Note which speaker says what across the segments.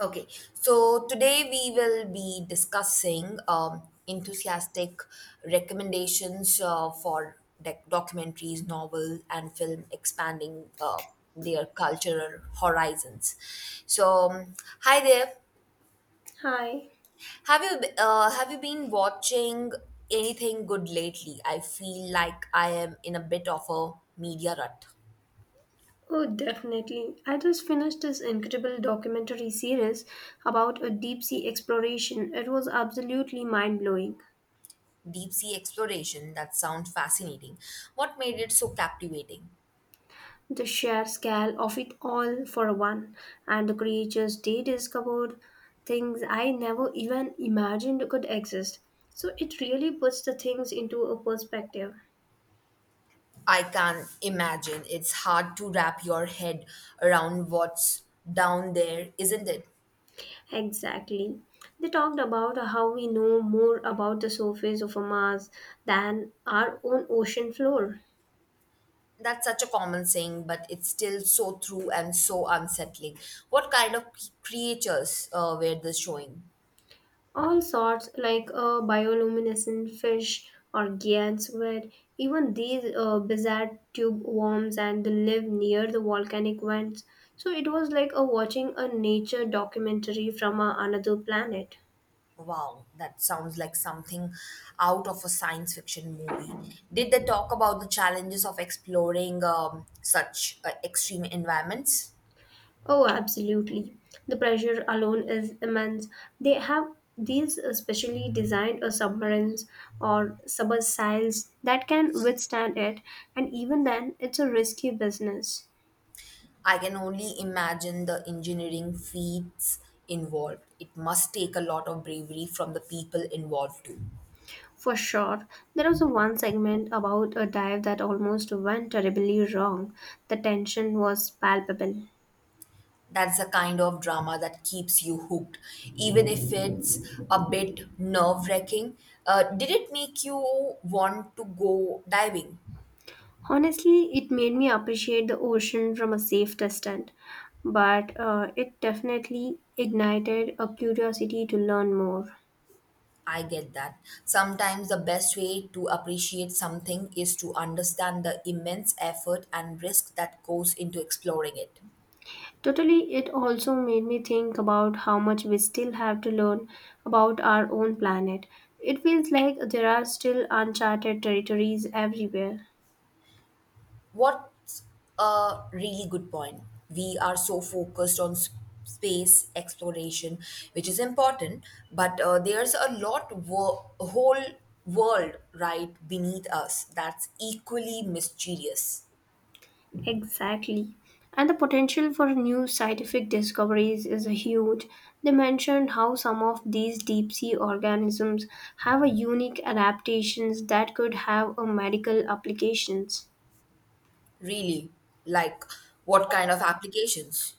Speaker 1: Okay, so today we will be discussing enthusiastic recommendations for documentaries, novel, and film expanding their cultural horizons. So, hi there.
Speaker 2: Hi.
Speaker 1: Have have you been watching anything good lately? I feel like I am in a bit of a media rut.
Speaker 2: Oh, definitely. I just finished this incredible documentary series about a deep sea exploration. It was absolutely mind blowing.
Speaker 1: Deep sea exploration that sounds fascinating. What made it so captivating?
Speaker 2: The sheer scale of it all, for one, and the creatures they discovered, things I never even imagined could exist. So it really puts the things into a perspective.
Speaker 1: I can imagine. It's hard to wrap your head around what's down there, isn't it?
Speaker 2: Exactly. They talked about how we know more about the surface of a Mars than our own ocean floor.
Speaker 1: That's such a common saying, but it's still so true and so unsettling. What kind of creatures were they showing?
Speaker 2: All sorts, like bioluminescent fish or gyats, where even these bizarre tube worms and they live near the volcanic vents. So it was like a watching a nature documentary from another planet.
Speaker 1: Wow, that sounds like something out of a science fiction movie. Did they talk about the challenges of exploring such extreme environments?
Speaker 2: Oh, absolutely. The pressure alone is immense. They have these specially designed submarines or submersibles that can withstand it, and even then, it's a risky business.
Speaker 1: I can only imagine the engineering feats involved. It must take a lot of bravery from the people involved too.
Speaker 2: For sure, there was a one segment about a dive that almost went terribly wrong. The tension was palpable.
Speaker 1: That's the kind of drama that keeps you hooked, even if it's a bit nerve wracking. Did it make you want to go diving?
Speaker 2: Honestly, it made me appreciate the ocean from a safe distance, but it definitely ignited a curiosity to learn more.
Speaker 1: I get that. Sometimes the best way to appreciate something is to understand the immense effort and risk that goes into exploring it.
Speaker 2: Totally, it also made me think about how much we still have to learn about our own planet. It feels like there are still uncharted territories everywhere.
Speaker 1: What's a really good point? We are so focused on space exploration, which is important, but there's a lot, a whole world right beneath us that's equally mysterious.
Speaker 2: Exactly. And the potential for new scientific discoveries is huge. They mentioned how some of these deep sea organisms have a unique adaptations that could have a medical applications.
Speaker 1: Really, like what kind of applications?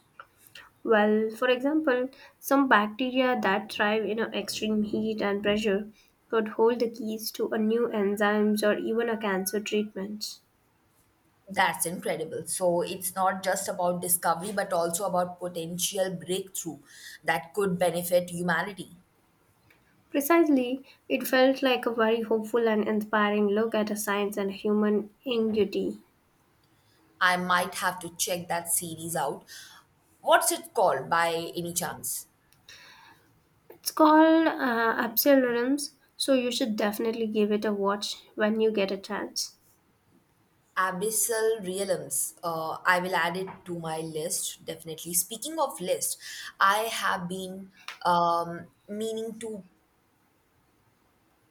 Speaker 2: Well, for example, some bacteria that thrive in a extreme heat and pressure could hold the keys to a new enzymes or even a cancer treatment.
Speaker 1: That's incredible. So it's not just about discovery, but also about potential breakthrough that could benefit humanity.
Speaker 2: Precisely, it felt like a very hopeful and inspiring look at a science and human ingenuity.
Speaker 1: I might have to check that series out. What's it called by any chance?
Speaker 2: It's called Absol Realms, so you should definitely give it a watch when you get a chance.
Speaker 1: Abyssal Realms. I will add it to my list, definitely. Speaking of list, I have been meaning to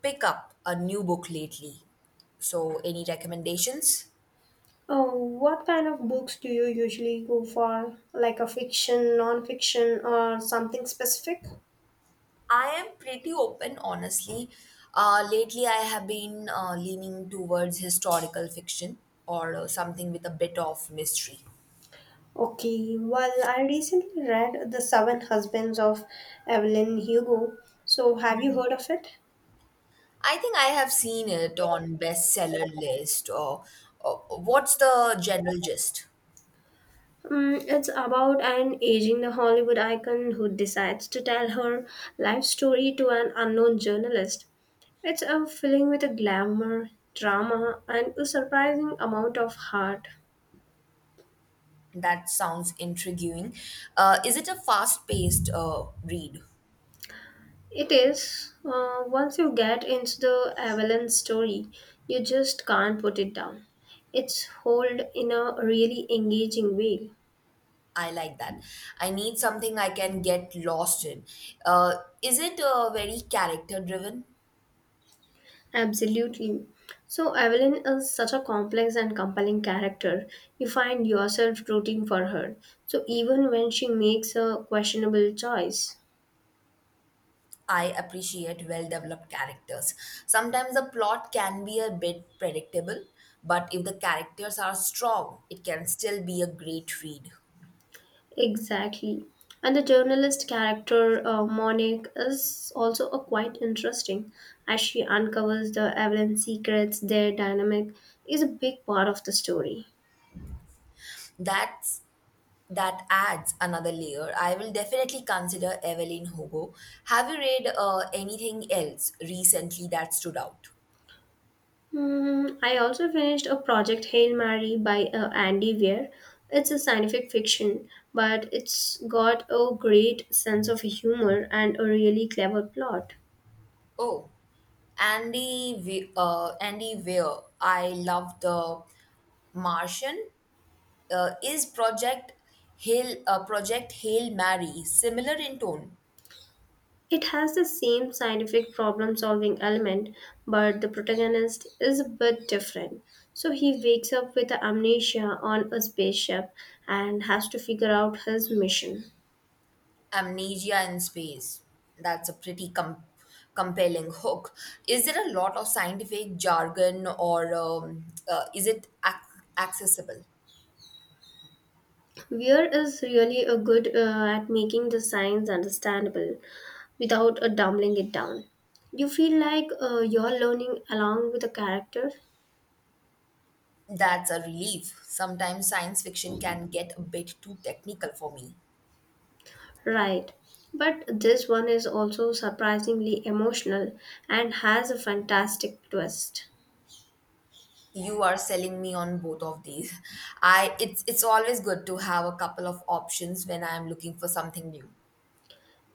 Speaker 1: pick up a new book lately. So, any recommendations?
Speaker 2: Oh, what kind of books do you usually go for? Like a fiction, non-fiction, or something specific?
Speaker 1: I am pretty open, honestly. Lately, I have been leaning towards historical fiction or something with a bit of mystery.
Speaker 2: Okay, well, I recently read The Seven Husbands of Evelyn Hugo. So, have you heard of it?
Speaker 1: I think I have seen it on bestseller list or what's the general gist?
Speaker 2: Mm, it's about an aging the Hollywood icon who decides to tell her life story to an unknown journalist. It's a filling with a glamour, drama, and a surprising amount of heart.
Speaker 1: That sounds intriguing. Is it a fast-paced read?
Speaker 2: It is, once you get into the Avalon story, you just can't put it down. It's hold in a really engaging way.
Speaker 1: I like that. I need something I can get lost in. Uh, is it very character-driven?
Speaker 2: Absolutely. So, Evelyn is such a complex and compelling character. You find yourself rooting for her. So, even when she makes a questionable choice.
Speaker 1: I appreciate well-developed characters. Sometimes the plot can be a bit predictable, but if the characters are strong, it can still be a great read.
Speaker 2: Exactly. And the journalist character, Monique, is also a quite interesting as she uncovers the Evelyn secrets, their dynamic is a big part of the story.
Speaker 1: That's That adds another layer. I will definitely consider Evelyn Hugo. Have you read anything else recently that stood out?
Speaker 2: Hmm, I also finished a project Hail Mary by Andy Weir. It's a scientific fiction, but it's got a great sense of humor and a really clever plot.
Speaker 1: Oh, Andy Weir. I love the Martian. Is Project Hail Mary similar in tone?
Speaker 2: It has the same scientific problem solving element, but the protagonist is a bit different. So he wakes up with amnesia on a spaceship and has to figure out his mission.
Speaker 1: Amnesia in space. That's a pretty compelling hook. Is there a lot of scientific jargon or is it accessible?
Speaker 2: Weir is really a good at making the science understandable without dumbling it down. You feel like you're learning along with the character,
Speaker 1: That's a relief. Sometimes science fiction can get a bit too technical for me.
Speaker 2: right? But this one is also surprisingly emotional and has a fantastic twist.
Speaker 1: You are selling me on both of these. I it's always good to have a couple of options when I am looking for something new.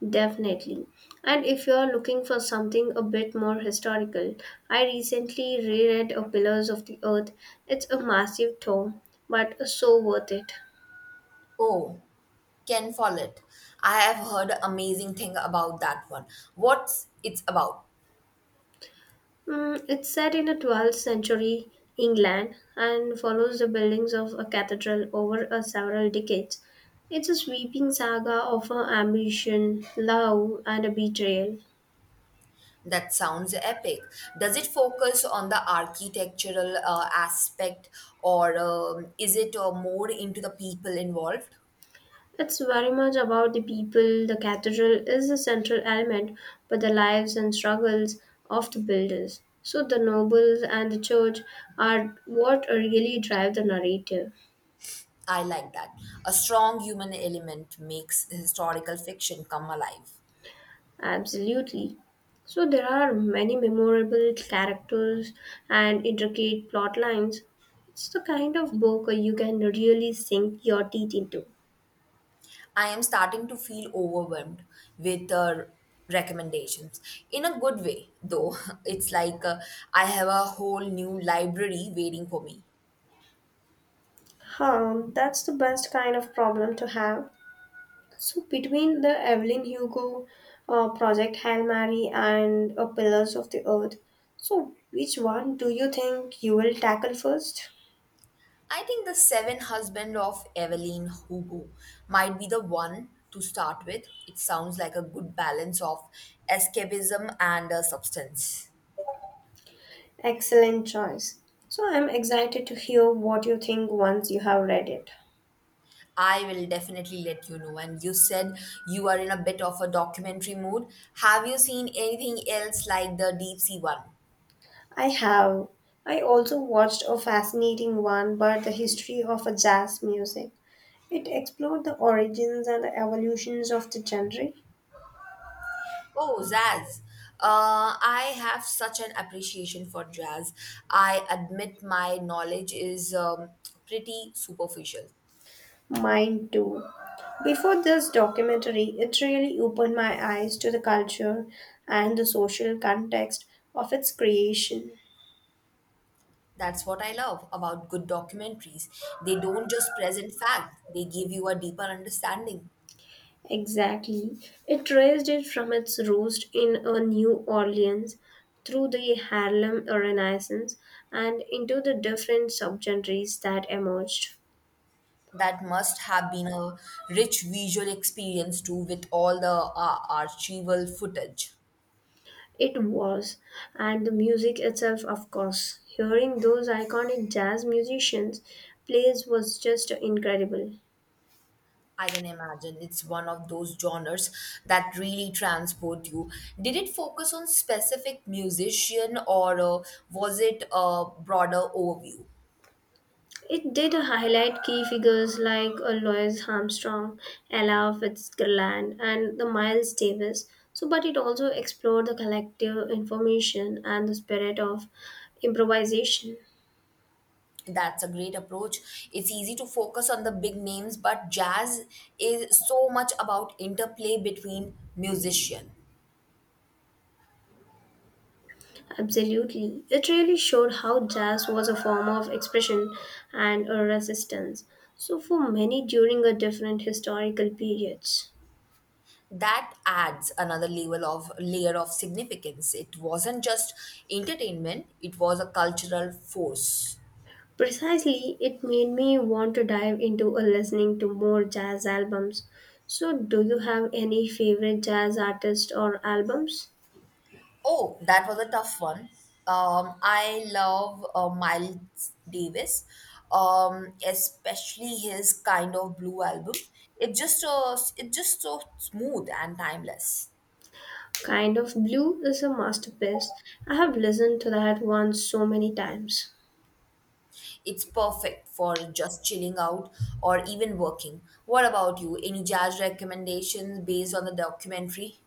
Speaker 2: Definitely. And if you're looking for something a bit more historical, I recently reread A Pillars of the Earth. It's a massive tome, but so worth it.
Speaker 1: Oh, Ken Follett. I have heard amazing thing about that one. What's it's about?
Speaker 2: Mm, it's set in the 12th century England and follows the buildings of a cathedral over a several decades. It's a sweeping saga of a ambition, love, and a betrayal.
Speaker 1: That sounds epic. Does it focus on the architectural aspect or is it more into the people involved?
Speaker 2: It's very much about the people. The cathedral is the central element, but the lives and struggles of the builders. So the nobles and the church are what really drive the narrative.
Speaker 1: I like that. A strong human element makes historical fiction come alive.
Speaker 2: Absolutely. So there are many memorable characters and intricate plot lines. It's the kind of book you can really sink your teeth into.
Speaker 1: I am starting to feel overwhelmed with recommendations in a good way, though. It's like I have a whole new library waiting for me.
Speaker 2: Huh, that's the best kind of problem to have. So between the Evelyn Hugo project Hail Mary and Pillars of the Earth, so which one do you think you will tackle first?
Speaker 1: I think the seven husband of Evelyn Hugo might be the one to start with. It sounds like a good balance of escapism and substance.
Speaker 2: Excellent choice. So I'm excited to hear what you think once you have read it.
Speaker 1: I will definitely let you know. And you said you are in a bit of a documentary mood. Have you seen anything else like the deep sea one?
Speaker 2: I have. I also watched a fascinating one about the history of a jazz music. It explored the origins and the evolutions of the genre.
Speaker 1: Oh, jazz! I have such an appreciation for jazz. I admit my knowledge is pretty superficial.
Speaker 2: Mine too. Before this documentary, it really opened my eyes to the culture and the social context of its creation.
Speaker 1: That's what I love about good documentaries. They don't just present fact, they give you a deeper understanding.
Speaker 2: Exactly. It raised it from its roost in a New Orleans through the Harlem Renaissance and into the different subgenres that emerged.
Speaker 1: That must have been a rich visual experience too, with all the archival footage.
Speaker 2: It was, and the music itself, of course. Hearing those iconic jazz musicians plays was just incredible.
Speaker 1: I can imagine it's one of those genres that really transport you. Did it focus on specific musician or was it a broader overview?
Speaker 2: It did highlight key figures like Louis Armstrong, Ella Fitzgerald, and the Miles Davis. So, but it also explored the collective information and the spirit of improvisation.
Speaker 1: That's a great approach. It's easy to focus on the big names, but jazz is so much about interplay between musician.
Speaker 2: Absolutely, it really showed how jazz was a form of expression and a resistance. So, for many during a different historical periods.
Speaker 1: That adds another level of layer of significance. It wasn't just entertainment, it was a cultural force.
Speaker 2: Precisely, it made me want to dive into a listening to more jazz albums. So, do you have any favorite jazz artists or albums?
Speaker 1: Oh, that was a tough one. I love Miles Davis, especially his kind of blue album. It's just so smooth and timeless.
Speaker 2: Kind of Blue is a masterpiece. I have listened to that one so many times.
Speaker 1: It's perfect for just chilling out or even working. What about you? Any jazz recommendations based on the documentary?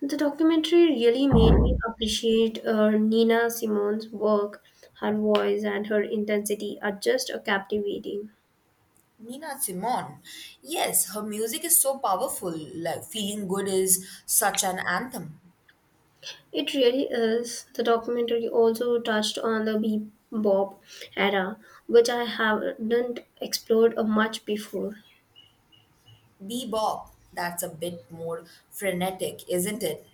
Speaker 2: The documentary really made me appreciate Nina Simone's work. Her voice and her intensity are just captivating.
Speaker 1: Nina Simone. Yes, her music is so powerful. Like Feeling Good is such an anthem.
Speaker 2: It really is. The documentary also touched on the bebop era, which I haven't explored much before.
Speaker 1: Bebop, that's a bit more frenetic, isn't it?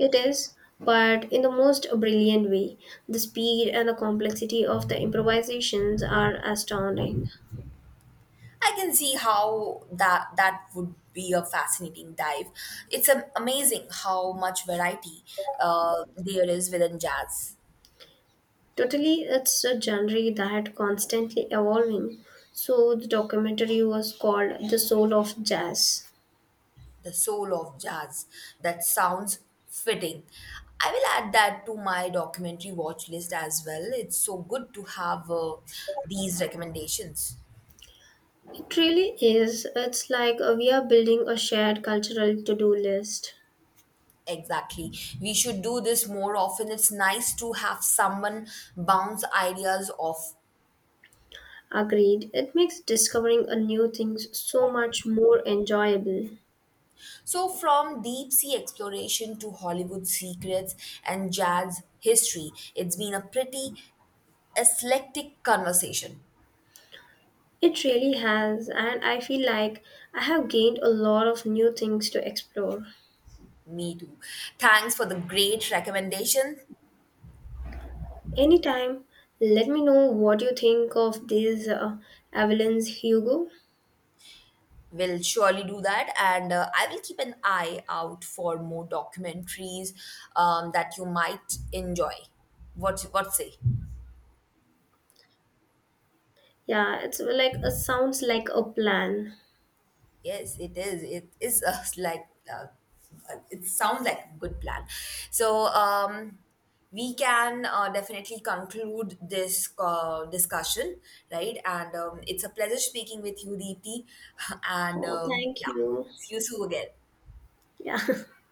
Speaker 2: It is, but in the most brilliant way. The speed and the complexity of the improvisations are astounding.
Speaker 1: I can see how that would be a fascinating dive. It's amazing how much variety there is within jazz.
Speaker 2: Totally, it's a genre that constantly evolving. So the documentary was called The Soul of Jazz.
Speaker 1: The soul of jazz. That sounds fitting. I will add that to my documentary watch list as well. It's so good to have these recommendations.
Speaker 2: It really is. It's like we are building a shared cultural to-do list.
Speaker 1: Exactly. We should do this more often. It's nice to have someone bounce ideas off.
Speaker 2: Agreed. It makes discovering a new things so much more enjoyable.
Speaker 1: So, from deep sea exploration to Hollywood secrets and jazz history, it's been a pretty eclectic conversation.
Speaker 2: It really has, and I feel like I have gained a lot of new things to explore.
Speaker 1: Me too. Thanks for the great recommendation.
Speaker 2: Anytime, let me know what you think of this Avalon's Hugo.
Speaker 1: Will surely do that and I will keep an eye out for more documentaries that you might enjoy what say
Speaker 2: Yeah, it's like it sounds like a plan.
Speaker 1: yes it is it is. It sounds like a good plan so we can definitely conclude this discussion right and it's a pleasure speaking with you deepti and
Speaker 2: Oh, thank
Speaker 1: yeah
Speaker 2: you.
Speaker 1: see you soon again
Speaker 2: Yeah.